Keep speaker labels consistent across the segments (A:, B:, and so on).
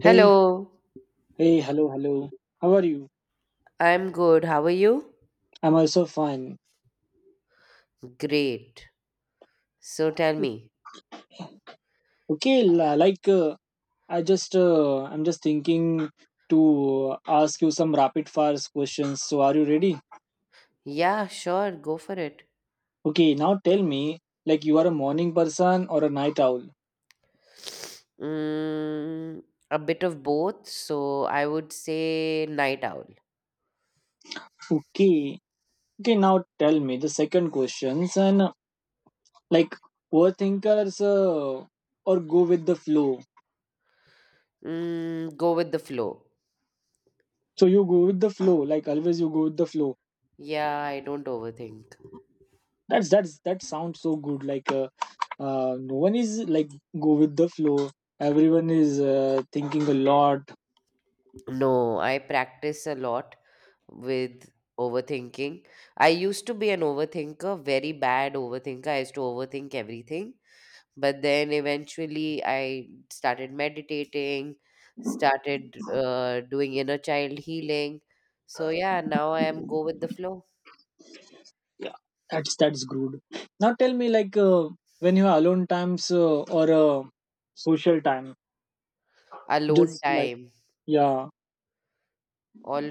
A: Hey,
B: Hello,
A: hey, hello, hello. How are you?
B: I'm good. How are you?
A: I'm also fine.
B: Great. So tell me.
A: Okay, like I'm just thinking to ask you some rapid fire questions. So, are you ready?
B: Yeah, sure, go for it.
A: Okay, now tell me, like you are a morning person or a night owl?
B: Mm, a bit of both, so I would say night owl.
A: Okay, okay. Now tell me the second questions and like overthinkers or go with the flow.
B: Go with the flow.
A: So you go with the flow, like always you go with the flow.
B: Yeah, I don't overthink.
A: That sounds so good. Like no one is like go with the flow. Everyone is thinking a lot.
B: No, I practice a lot with overthinking. I used to be an overthinker, very bad overthinker. I used to overthink everything. But then eventually, I started meditating, started doing inner child healing. So yeah, now I am go with the flow.
A: That's good. Now tell me, like when you have alone times or social time,
B: Alone
A: just like
B: time.
A: yeah,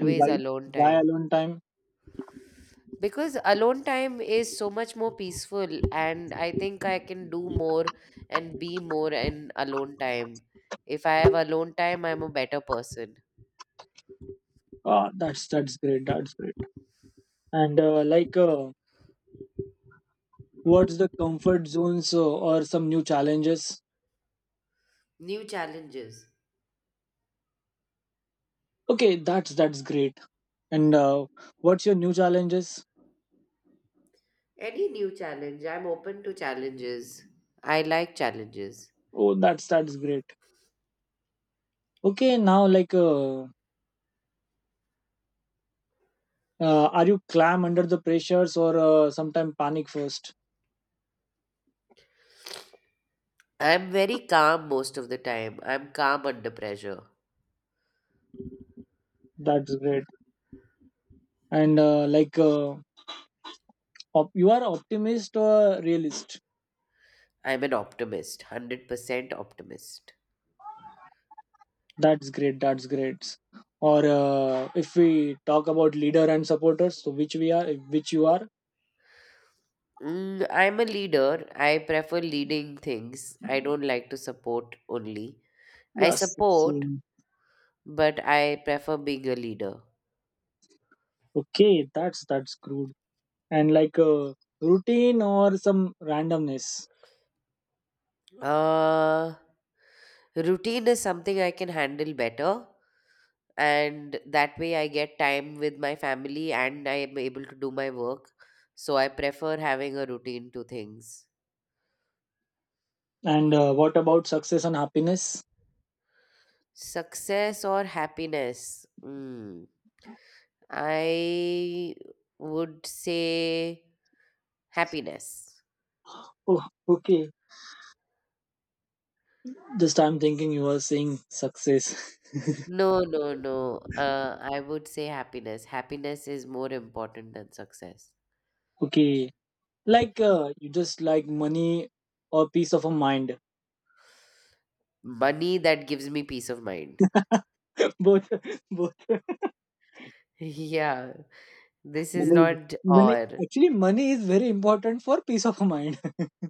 A: and why
B: alone
A: why
B: time.
A: alone time?
B: Because alone time is so much more peaceful, and I think I can do more and be more in alone time. If I have alone time, I'm a better person.
A: Ah, that's great. That's great. And like, what's the comfort zones or some new challenges?
B: New challenges.
A: Okay, that's great. And what's your new challenges?
B: Any new challenge, I'm open to challenges. I like challenges.
A: Oh, that's great. Okay, now like, are you clam under the pressures or sometime panic first?
B: I'm very calm most of the time. I'm calm under pressure.
A: That's great. And like, you are optimist or realist?
B: I'm an optimist, 100% optimist.
A: That's great. That's great. Or if we talk about leader and supporters, so which you are?
B: I'm a leader. I prefer leading things. I don't like to support only. I
A: Yes.
B: support,
A: Same.
B: but I prefer being a leader.
A: Okay, that's good. And like routine or some randomness.
B: Uh, Routine is something I can handle better, and that way I get time with my family and I am able to do my work. So I prefer having a routine to things.
A: And what about success and happiness?
B: Success or happiness? Mm. I would say happiness.
A: Oh, okay. Just I'm thinking you are saying success.
B: No, no, no. I would say happiness. Happiness is more important than success.
A: Okay. Like you just like money or peace of a mind.
B: Money that gives me peace of mind.
A: Both, both.
B: Yeah, this is
A: money is,
B: not
A: money
B: or.
A: actually money is very important for peace of mind.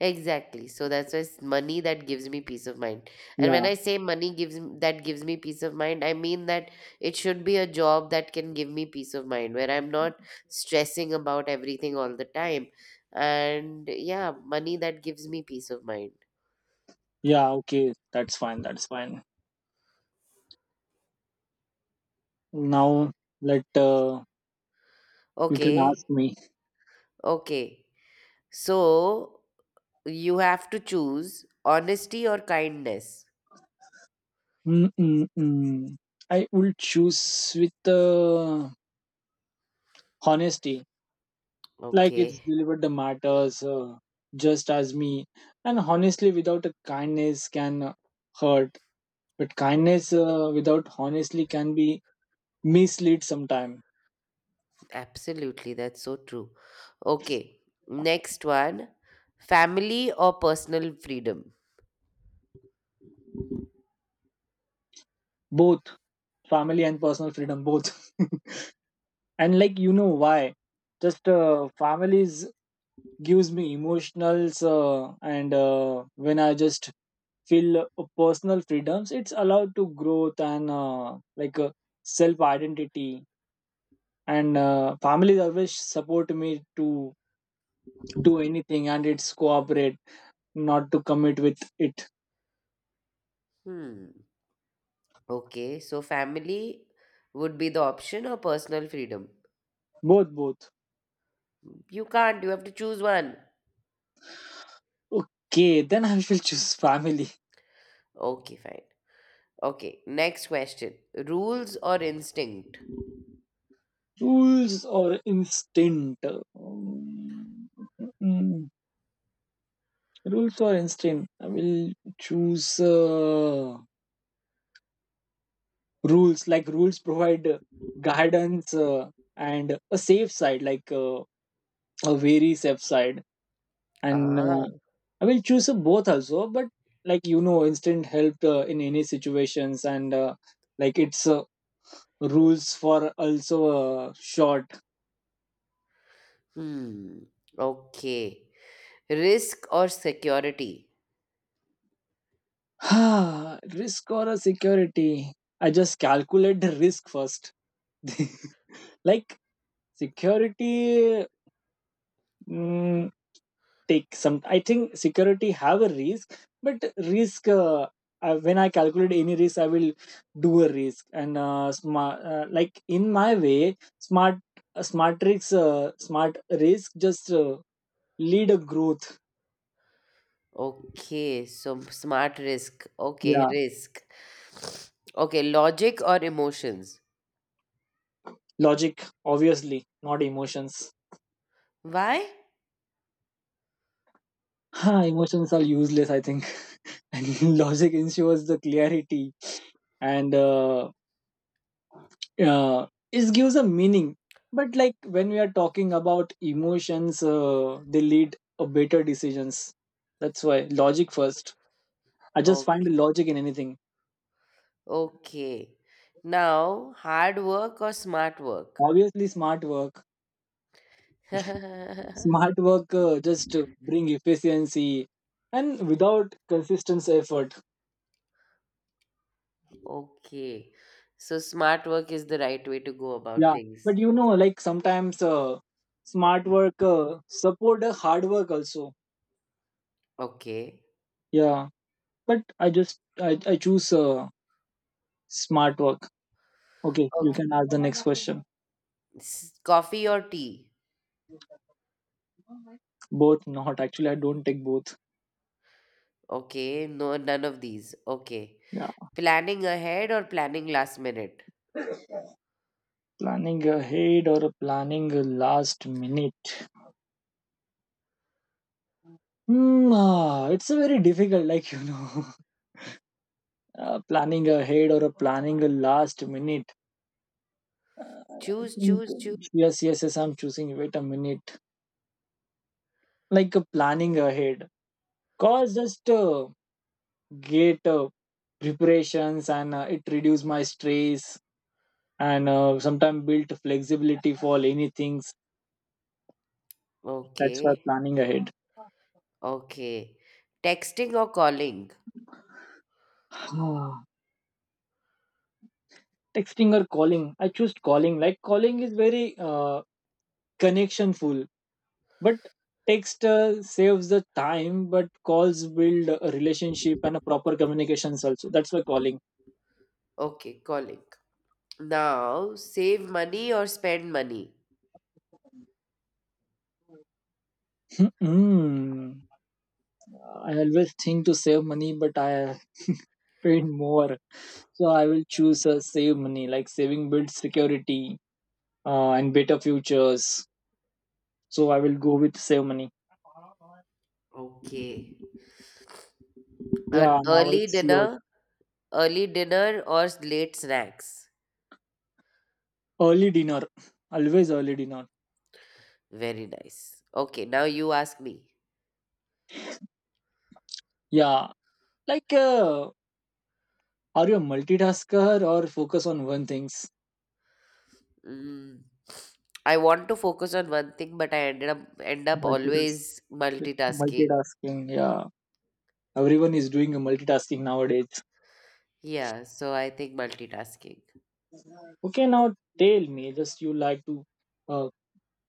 B: Exactly. So that's why it's money that gives me peace of mind. And when
A: Yeah.
B: I say money gives that gives me peace of mind, I mean that it should be a job that can give me peace of mind where I'm not stressing about everything all the time. And yeah, money that gives me peace of mind.
A: Yeah, okay. That's fine. That's fine. Now let you can ask
B: Okay.
A: me.
B: Okay. So you have to choose honesty or kindness.
A: Mm-mm-mm. I will choose with honesty. Like it's
B: Okay.
A: delivered the matters just as me, and honestly without a kindness can hurt, but kindness without honestly can be mislead sometime.
B: Absolutely, that's so true. Okay, next one, family or personal freedom?
A: Both family and personal freedom, both. And like, you know why, just families gives me emotionals and when I just feel personal freedoms, it's allowed to growth and like self identity, and families always support me to do anything and it's cooperate, not to commit with it.
B: Hmm. Okay, so family would be the option or personal freedom?
A: Both, both.
B: You can't, you have to choose one.
A: Okay, then I will choose family.
B: Okay, fine. Okay, next question, rules or instinct?
A: Rules or instinct. Mm, rules or instinct, I will choose rules. Like rules provide guidance and a safe side, like a very safe side, and
B: Ah,
A: I will choose up both also. But like, you know, instant help in any situations, and like it's rules for also short.
B: hmm. Okay. Risk or security?
A: Risk or a security? I just calculate the risk first. Like security, mm, take some, I think security have a risk, but risk when I calculate any risk I will do a risk, and smart like in my way smart, smart risks, smart risk just lead a growth.
B: Okay, so smart risk. Okay,
A: Yeah.
B: risk. Okay, logic or emotions?
A: Logic, obviously. Not emotions.
B: Why?
A: Ha! Emotions are useless, I think. And logic ensures the clarity, and uh, it gives a meaning. But like, when we are talking about emotions, they lead a better decisions. That's why logic first. I just find
B: Okay.
A: logic in anything.
B: Okay. Now, hard work or smart work?
A: Obviously smart work.
B: Okay.
A: Smart work just bring efficiency, and without consistent effort.
B: So smart work is the right way to go about
A: Yeah,
B: things.
A: but like sometimes smart work support hard work also.
B: Okay.
A: Yeah, but I choose smart work. Okay, you
B: Okay.
A: can ask the next question.
B: Coffee or tea?
A: Both not actually. I don't take both.
B: Okay. No, none of these. Okay.
A: Yeah.
B: Planning ahead or planning last minute?
A: Planning ahead or planning last minute. It's a very difficult. Like, planning ahead or a planning last minute. Uh, I
B: Choose,
A: think
B: choose, choose.
A: yes, yes, yes. I'm choosing. Wait a minute. Like planning ahead, cause just get preparations, and it reduce my stress, and sometimes build flexibility for any things. That's why
B: Okay.
A: planning ahead.
B: Okay. Texting or calling?
A: Texting or calling, I choose calling. Like calling is very connectionful, but text saves the time, but calls build a relationship and a proper communications also, that's why calling.
B: Okay, calling. Now, save money or spend money?
A: Mm. I always think to save money, but I paid more, so I will choose save money. Like saving builds security, and better futures, so I will go with save money.
B: Okay.
A: Yeah,
B: An
A: now
B: early
A: it's yours.
B: dinner, Early dinner or late snacks?
A: Early dinner, always early dinner.
B: Very nice. Okay, now you ask me.
A: Yeah, like are you a multitasker or focus on one things?
B: Mm, I want to focus on one thing, but I end up
A: Multitask,
B: always multitasking.
A: Multitasking. Yeah, everyone is doing a multitasking nowadays.
B: Yeah, so I think multitasking.
A: Okay, now tell me, just you like to uh,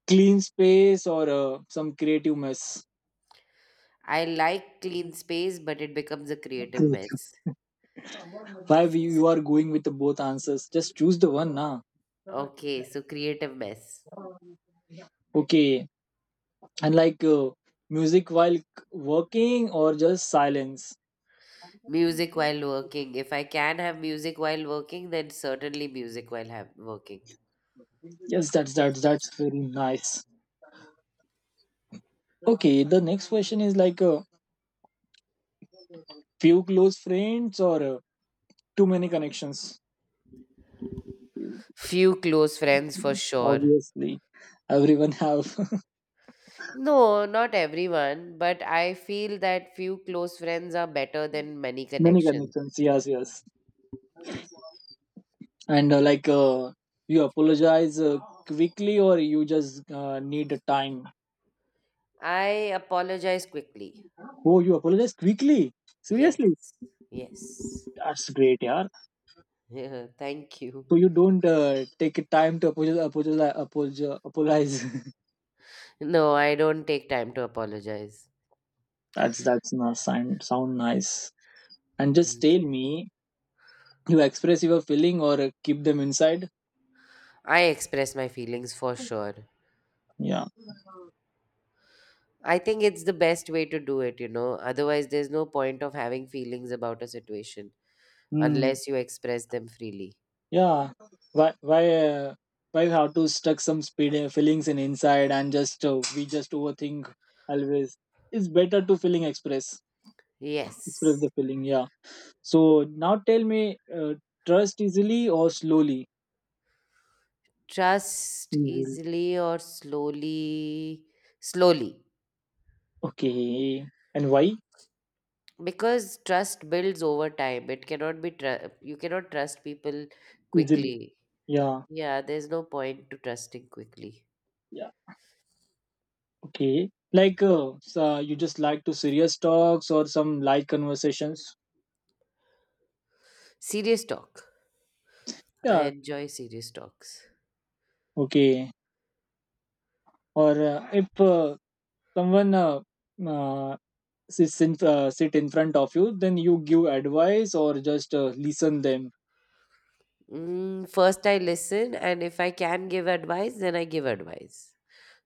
A: clean space or some creative mess?
B: I like clean space, but it becomes a creative
A: Creative.
B: mess.
A: Why you are going with the both answers? Just choose the one, na?
B: Okay, so creative mess.
A: Okay, and like music while working or just silence?
B: Music while working. If I can have music while working, then certainly music while working.
A: Yes, that's very nice. Okay, the next question is like few close friends or too many connections.
B: Few close friends for sure.
A: Obviously, everyone have
B: No, not everyone, but I feel that few close friends are better than many
A: many
B: connections.
A: connections. Yes, yes. And like you apologize quickly or you just need a time.
B: I apologize quickly.
A: Oh, you apologize quickly.
B: Yes,
A: Seriously,
B: yes.
A: that's great, yeah.
B: Yeah, thank you.
A: So you don't take a time to apologize. Apologize, apologize.
B: No, I don't take time to apologize.
A: That's not sound nice. And just tell me, you express your feeling or keep them inside.
B: I express my feelings for sure.
A: Yeah.
B: I think it's the best way to do it. Otherwise, there's no point of having feelings about a situation
A: Hmm.
B: unless you express them freely.
A: Yeah, why why uh, why you have to stuck some speed feelings in inside, and just we just overthink always. It's better to feeling express. Express
B: Yes.
A: the feeling. Yeah. So now tell me, uh, trust easily or slowly.
B: Trust
A: Easily.
B: easily or slowly. Slowly.
A: Okay, and why?
B: Because trust builds over time. It cannot be, you cannot trust people
A: Easily.
B: quickly.
A: Yeah.
B: Yeah, there's no point to trusting quickly.
A: Okay. Like, so you just like to serious talks or some light conversations?
B: Serious talk. I
A: Yeah.
B: enjoy serious talks.
A: Okay. Or if someone uh, sit in front of you, then you give advice or just listen them.
B: First, I listen, and if I can give advice, then I give advice.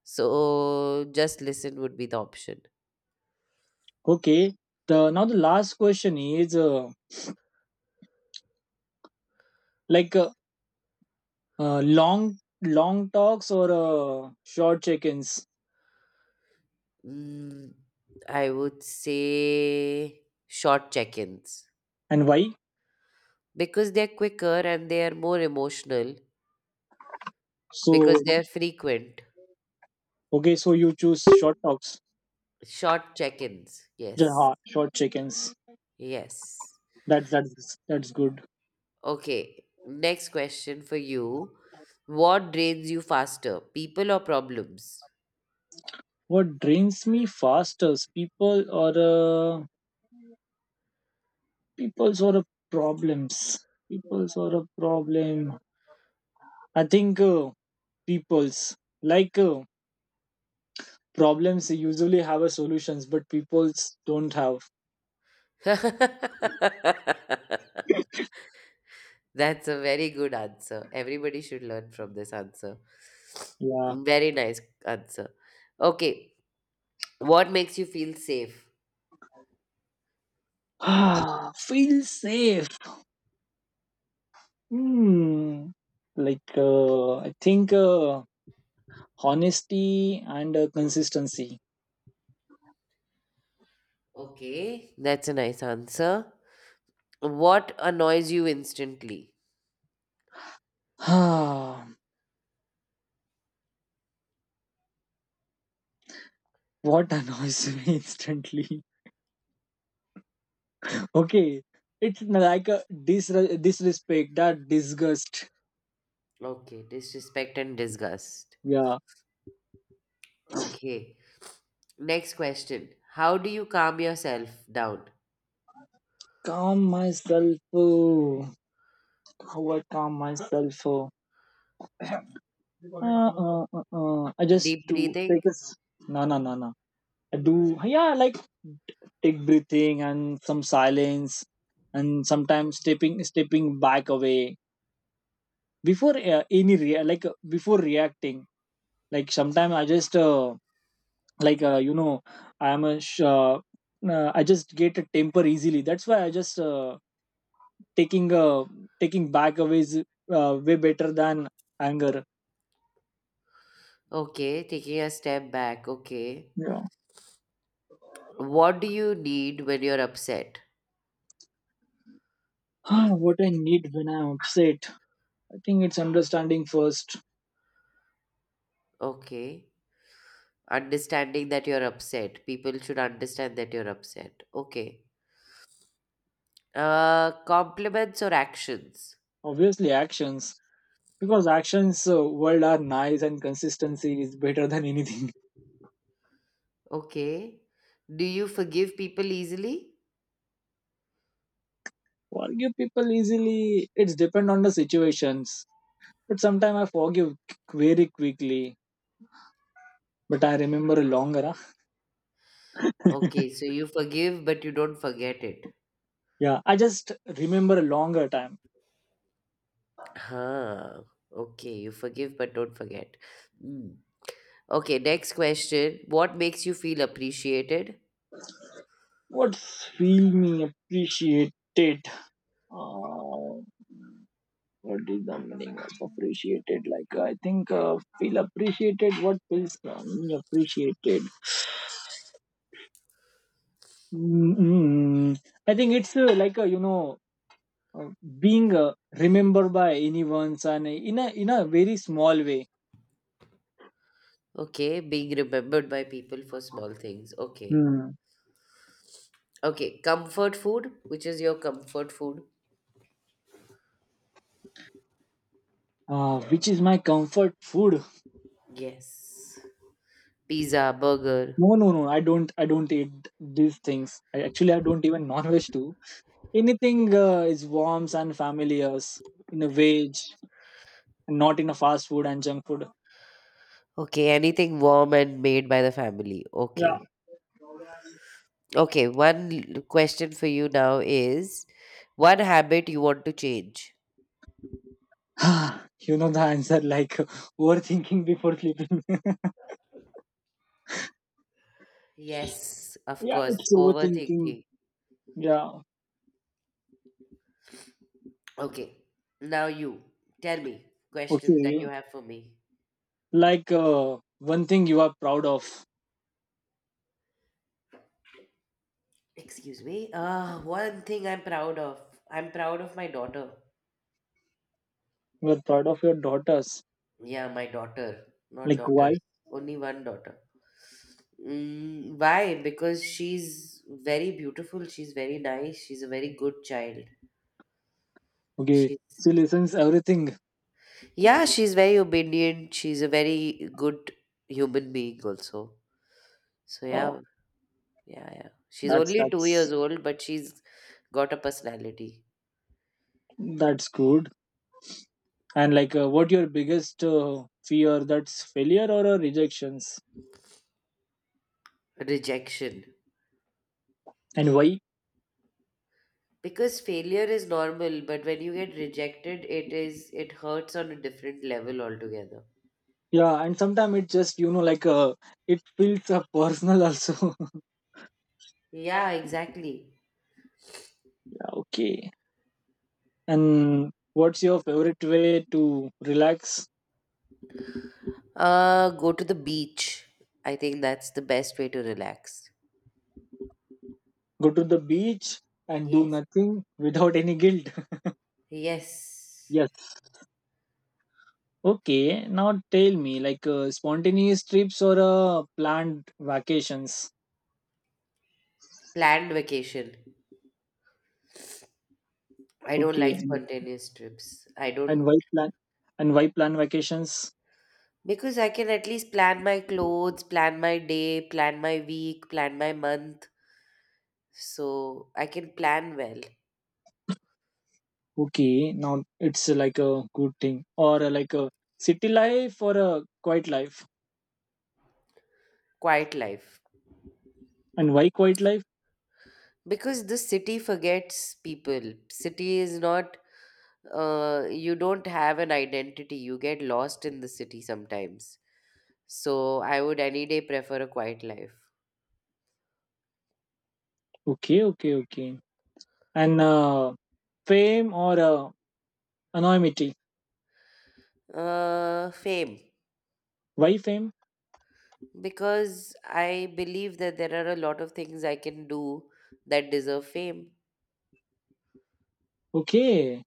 B: So just listen would be the option.
A: Okay. The last question is like long long talks or short check-ins.
B: Mm, I would say short check ins
A: And why?
B: because they're quicker and they are more emotional
A: So
B: because they're frequent.
A: okay, so you choose short talks.
B: Short check ins. Yes.
A: Yeah, short check-ins.
B: Yes.
A: That's good.
B: Okay. Next question for you. What drains you faster, people or problems?
A: What drains me fastest, people or uh, people's or problems, people's or a problem. I think people's, like problems usually have a solutions, but people's don't have.
B: That's a very good answer. Everybody should learn from this answer.
A: Yeah.
B: Very nice answer. Okay. What makes you feel safe?
A: Feel safe. Hmm. Like I think honesty and consistency.
B: Okay. That's a nice answer. What annoys you instantly?
A: Ah, what annoys me instantly. Okay, it's like a disrespect, that disgust.
B: Okay. Disrespect and disgust.
A: Yeah,
B: Okay. Next question. How do you calm yourself down?
A: calm myself. Oh, how I calm myself. Oh. I just
B: Deep
A: do
B: breathing?
A: take a. No, no, no, no. I do, yeah, like take breathing and some silence, and sometimes stepping back away before any like before reacting. Like sometimes I just. Like you know I am I just get a temper easily, that's why I just taking uh, taking back away is way better than anger.
B: Okay. Taking a step back. Okay.
A: Yeah.
B: What do you need when you're upset?
A: What I need when I'm upset, I think it's understanding first.
B: Okay. Understanding that you're upset. People should understand that you're upset. Okay. Compliments or actions.
A: Obviously actions, because actions world are nice, and consistency is better than anything.
B: Okay. Do you forgive people easily?
A: Forgive people easily, it's depend on the situations. But sometimes I forgive very quickly, but I remember longer, huh?
B: Okay, so you forgive but you don't forget it.
A: Yeah, I just remember a longer time.
B: Huh. Okay, you forgive but don't forget. Mm. Okay, next question. What makes you feel appreciated?
A: What feel me appreciated? Uh, what is the meaning of appreciated? Like I think feel appreciated. What feels me appreciated? Mm, I think it's like uh, being remembered by anyone's, and in a very small way.
B: Okay, being remembered by people for small things. Okay.
A: Hmm.
B: Okay, comfort food, which is your comfort food?
A: Which is my comfort food?
B: Yes. Pizza, burger.
A: No, no, no. I don't. I don't eat these things. I, actually, I don't even non-veg too. Anything is warms and familiar in a veg, not in a fast food and junk food.
B: Okay, anything warm and made by the family.
A: Yeah.
B: Okay. Okay, one question for you now is one habit you want to change.
A: You know the answer, like overthinking before sleeping.
B: Yes, of
A: Yeah,
B: course.
A: it's overthinking.
B: Overthinking.
A: Yeah.
B: Okay. Now you tell me questions that
A: Okay.
B: you have for me.
A: Like one thing you are proud of.
B: Excuse me. One thing I'm proud of. I'm proud of my daughter.
A: You are proud of your daughters.
B: Yeah, my daughter, not
A: Like
B: daughters,
A: why?
B: only one daughter. Why? Because she's very beautiful, she's very nice, she's a very good child.
A: Okay.
B: She's
A: She listens everything.
B: yeah, she's very obedient, she's a very good human being also. So
A: Oh,
B: yeah, yeah, yeah. She's
A: that's
B: only two
A: that's
B: years old, but she's got a personality.
A: that's good. And like, what your biggest fear? That's failure or rejections,
B: Rejection.
A: and why?
B: Because failure is normal, but when you get rejected, it hurts on a different level altogether.
A: Yeah, and sometimes it just like it feels personal also.
B: Yeah, exactly.
A: Yeah, okay. And what's your favorite way to relax?
B: Go to the beach. I think that's the best way to relax.
A: Go to the beach and do
B: Yes.
A: nothing without any guilt.
B: Yes.
A: Yes. Okay. Now tell me, like spontaneous trips or planned vacations.
B: Planned vacation. I don't
A: Okay.
B: like spontaneous trips. I
A: And
B: don't,
A: why plan? And why plan vacations?
B: because I can at least plan my clothes, plan my day, plan my week, plan my month. So I can plan well.
A: Okay, now it's like a good thing or like a city life or a quiet life.
B: Quiet life.
A: And why quiet life?
B: Because the city forgets people. City is not, you don't have an identity. You get lost in the city sometimes. So I would any day prefer a quiet life.
A: Okay, okay, okay. And fame or anonymity?
B: Fame.
A: Why fame?
B: Because I believe that there are a lot of things I can do that deserve fame.
A: Okay.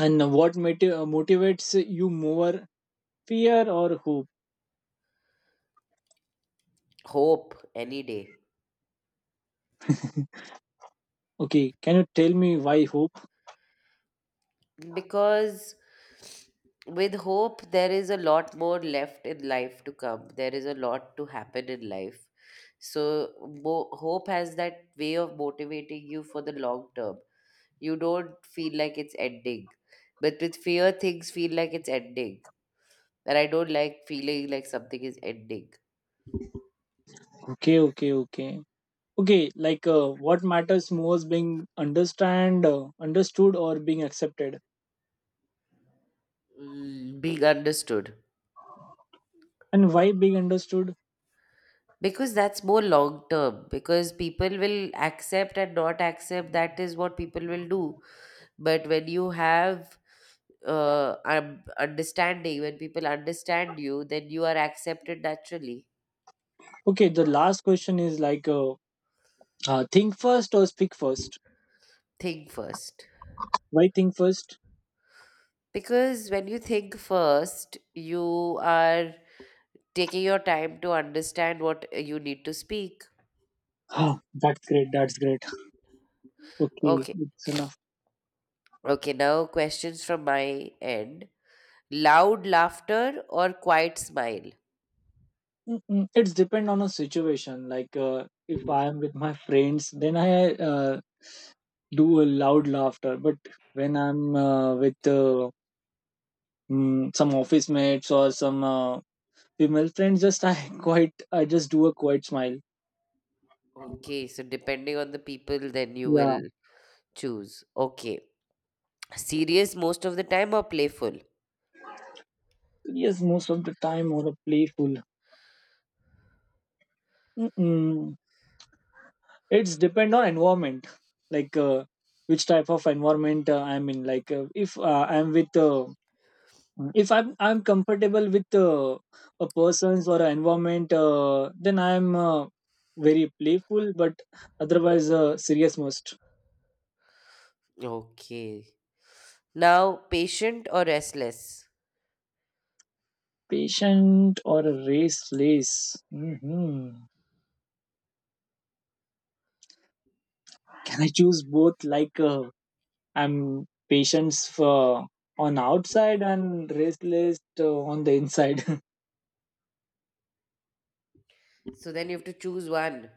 A: And what motivates you more, fear or hope?
B: Hope any day.
A: Okay, can you tell me why hope?
B: Because with hope, there is a lot more left in life to come. There is a lot to happen in life. So, hope has that way of motivating you for the long term. You don't feel like it's ending. But with fear, things feel like it's ending. And I don't like feeling like something is ending.
A: Okay, okay, okay. Okay, like what matters most, being understood or being accepted?
B: Being understood.
A: And why being understood?
B: Because that's more long term. Because people will accept and not accept. That is what people will do. But when you have understanding, when people understand you, then you are accepted naturally.
A: Okay, the last question is like, think first or speak first?
B: Think first.
A: Why think first?
B: Because when you think first, you are taking your time to understand what you need to speak.
A: Ah, that's great. That's great. Okay,
B: Okay.
A: it's enough.
B: Okay, now questions from my end. Loud laughter or quiet smile?
A: Mm-mm. It's depend on a situation. If I am with my friends, then I do a loud laughter. But when I'm with some office mates or some female friends, just I I just do a quiet smile.
B: Okay, so depending on the people, then you
A: Yeah.
B: will choose. Okay. Serious most of the time or playful?
A: Yes, most of the time, or a playful. Mm-mm. It's depend on environment like uh, which type of environment I'm in, if I'm with if I'm I'm comfortable with a person's or an environment, then I'm very playful, but otherwise serious most.
B: Okay. Now, patient or restless?
A: Patient or a restless? Hmm, can I choose both? I'm patience for on outside and restless on the inside.
B: So then you have to choose one.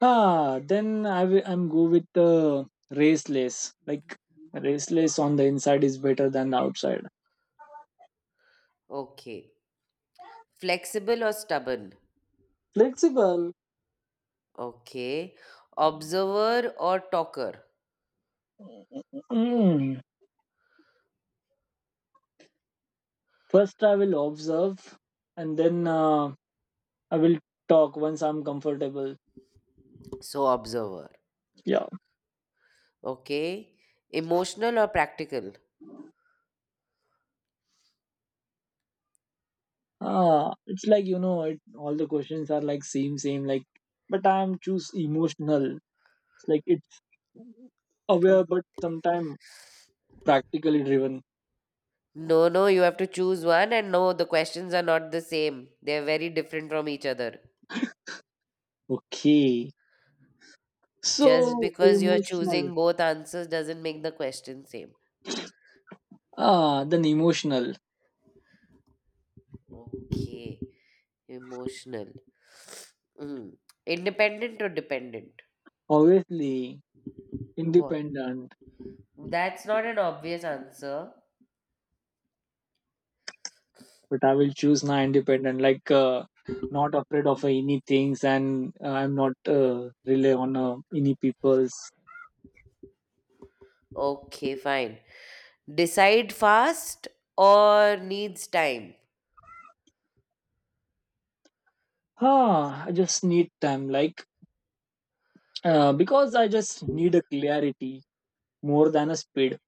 A: Ah, then I'm go with the raceless. Like, raceless on the inside is better than the outside.
B: Okay. Flexible or stubborn?
A: Flexible.
B: Okay. Observer or talker?
A: Mm. First, I will observe, and then I will talk once I'm comfortable.
B: So, observer.
A: Yeah.
B: Okay. Emotional or practical?
A: Ah, it's like you know, it, all the questions are like same, same. Like, but I'm choose emotional. It's like it's aware,
B: Mm.
A: but sometimes practically driven.
B: No, no, you have to choose one, and no, the questions are not the same. They're very different from each other.
A: Okay.
B: Just
A: So
B: because you're
A: emotional.
B: choosing both answers doesn't make the question same.
A: Ah, then emotional.
B: Okay. Emotional. Mm. Independent or dependent?
A: Obviously,
B: What?
A: independent,
B: That's not an obvious answer.
A: but I will choose now independent, not afraid of any things, and I'm not rely on any people's.
B: Okay, fine. Decide fast or needs time?
A: Ah, I just need time, because I just need a clarity more than a speed.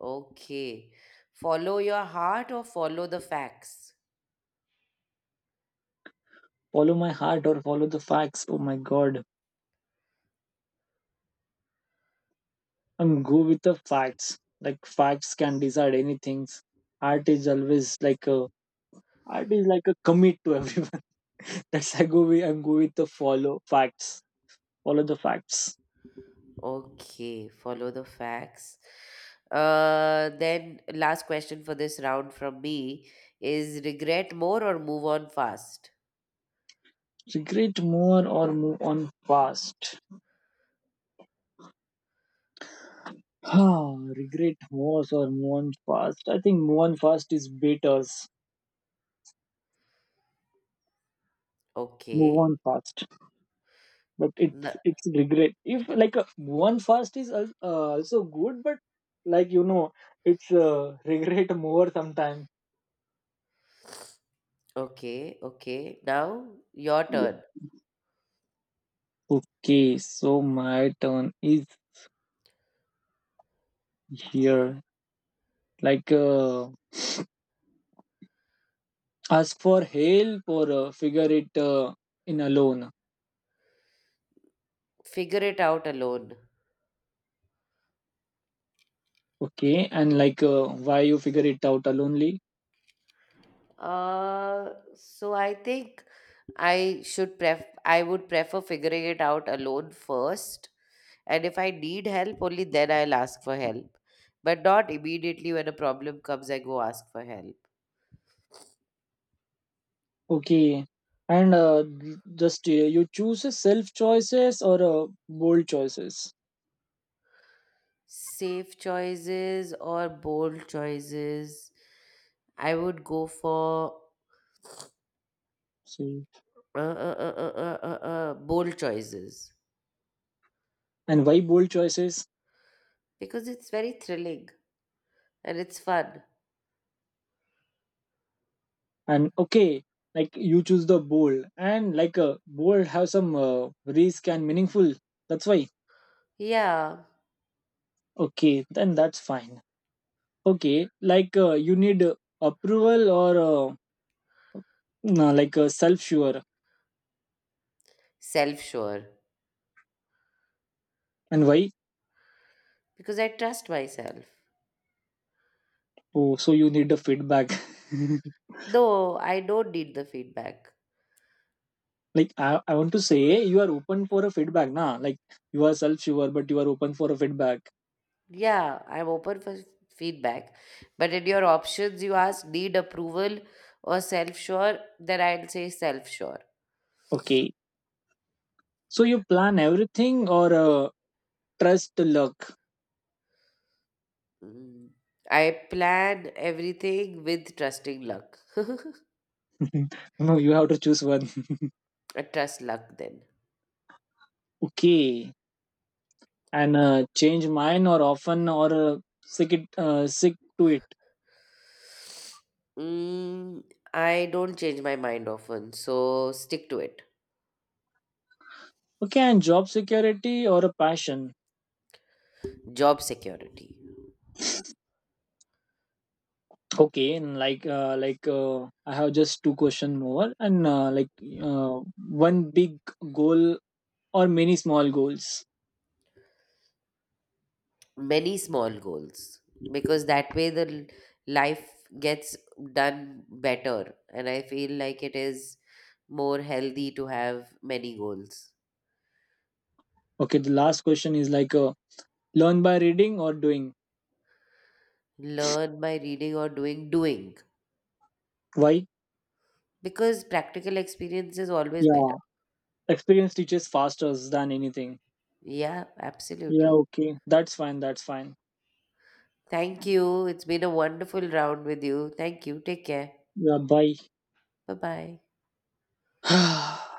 B: Okay. Follow your heart or follow the facts?
A: Follow my heart or follow the facts. Oh my God, I'm go with the facts. Like, facts can decide anything. Art is always Art is like a commit to everyone. That's I go with I'm go with the follow facts. Follow the facts.
B: Okay, follow the facts. Then, last question for this round from me is regret more or move on fast?
A: Regret more or move on fast. Ah, regret more or move on fast. I think move on fast is better. Move
B: Okay.
A: on fast, but it's
B: N-
A: it's regret. If like a move on fast is also good, but like you know, it's regret more sometimes.
B: okay, okay. Now, your turn.
A: Okay, so my turn is here. Like uh, As for help or figure it in alone.
B: Figure it out alone.
A: Okay, and why you figure it out alonely.
B: Uh, so I think I would prefer figuring it out alone first. And if I need help, only then I'll ask for help. But not immediately when a problem comes, I go ask for help.
A: Okay, and just you choose a self choices or bold choices.
B: Safe choices or bold choices, I would go for
A: See,
B: bold choices
A: and why bold choices?
B: because it's very thrilling and it's fun.
A: And okay, like you choose the bold, and bold have some risk and meaningful. That's why.
B: Yeah,
A: Okay, then that's fine. Okay, you need approval or no, self sure,
B: self sure
A: and why?
B: because I trust myself.
A: Oh, so you need a feedback.
B: Though I don't need the feedback.
A: Like I want to say you are open for a feedback, nah. Like, you are self-sure, but you are open for a feedback.
B: Yeah, I'm open for feedback. But in your options, you ask need approval or self sure, then I'll say self sure.
A: Okay. So you plan everything or trust to luck?
B: Mm. I plan everything with trusting luck.
A: No, you have to choose one.
B: I trust luck then.
A: Okay. And change mine or often or sick it sick to it.
B: Mm, I don't change my mind often, so stick to it.
A: Okay, and job security or a passion.
B: Job security.
A: Okay, and I have just two question more, and uh, one big goal or many small goals.
B: Many small goals, because that way the life gets done better and I feel like it is more healthy to have many goals.
A: Okay, the last question is learn by reading or doing.
B: Learn by reading or doing? Doing.
A: Why?
B: Because practical experience is always
A: Yeah,
B: better.
A: experience teaches faster than anything.
B: Yeah,
A: Yeah,
B: absolutely.
A: okay. That's fine. That's fine.
B: Thank you. It's been a wonderful round with you. Thank you. Take care.
A: Yeah, bye.
B: Bye bye.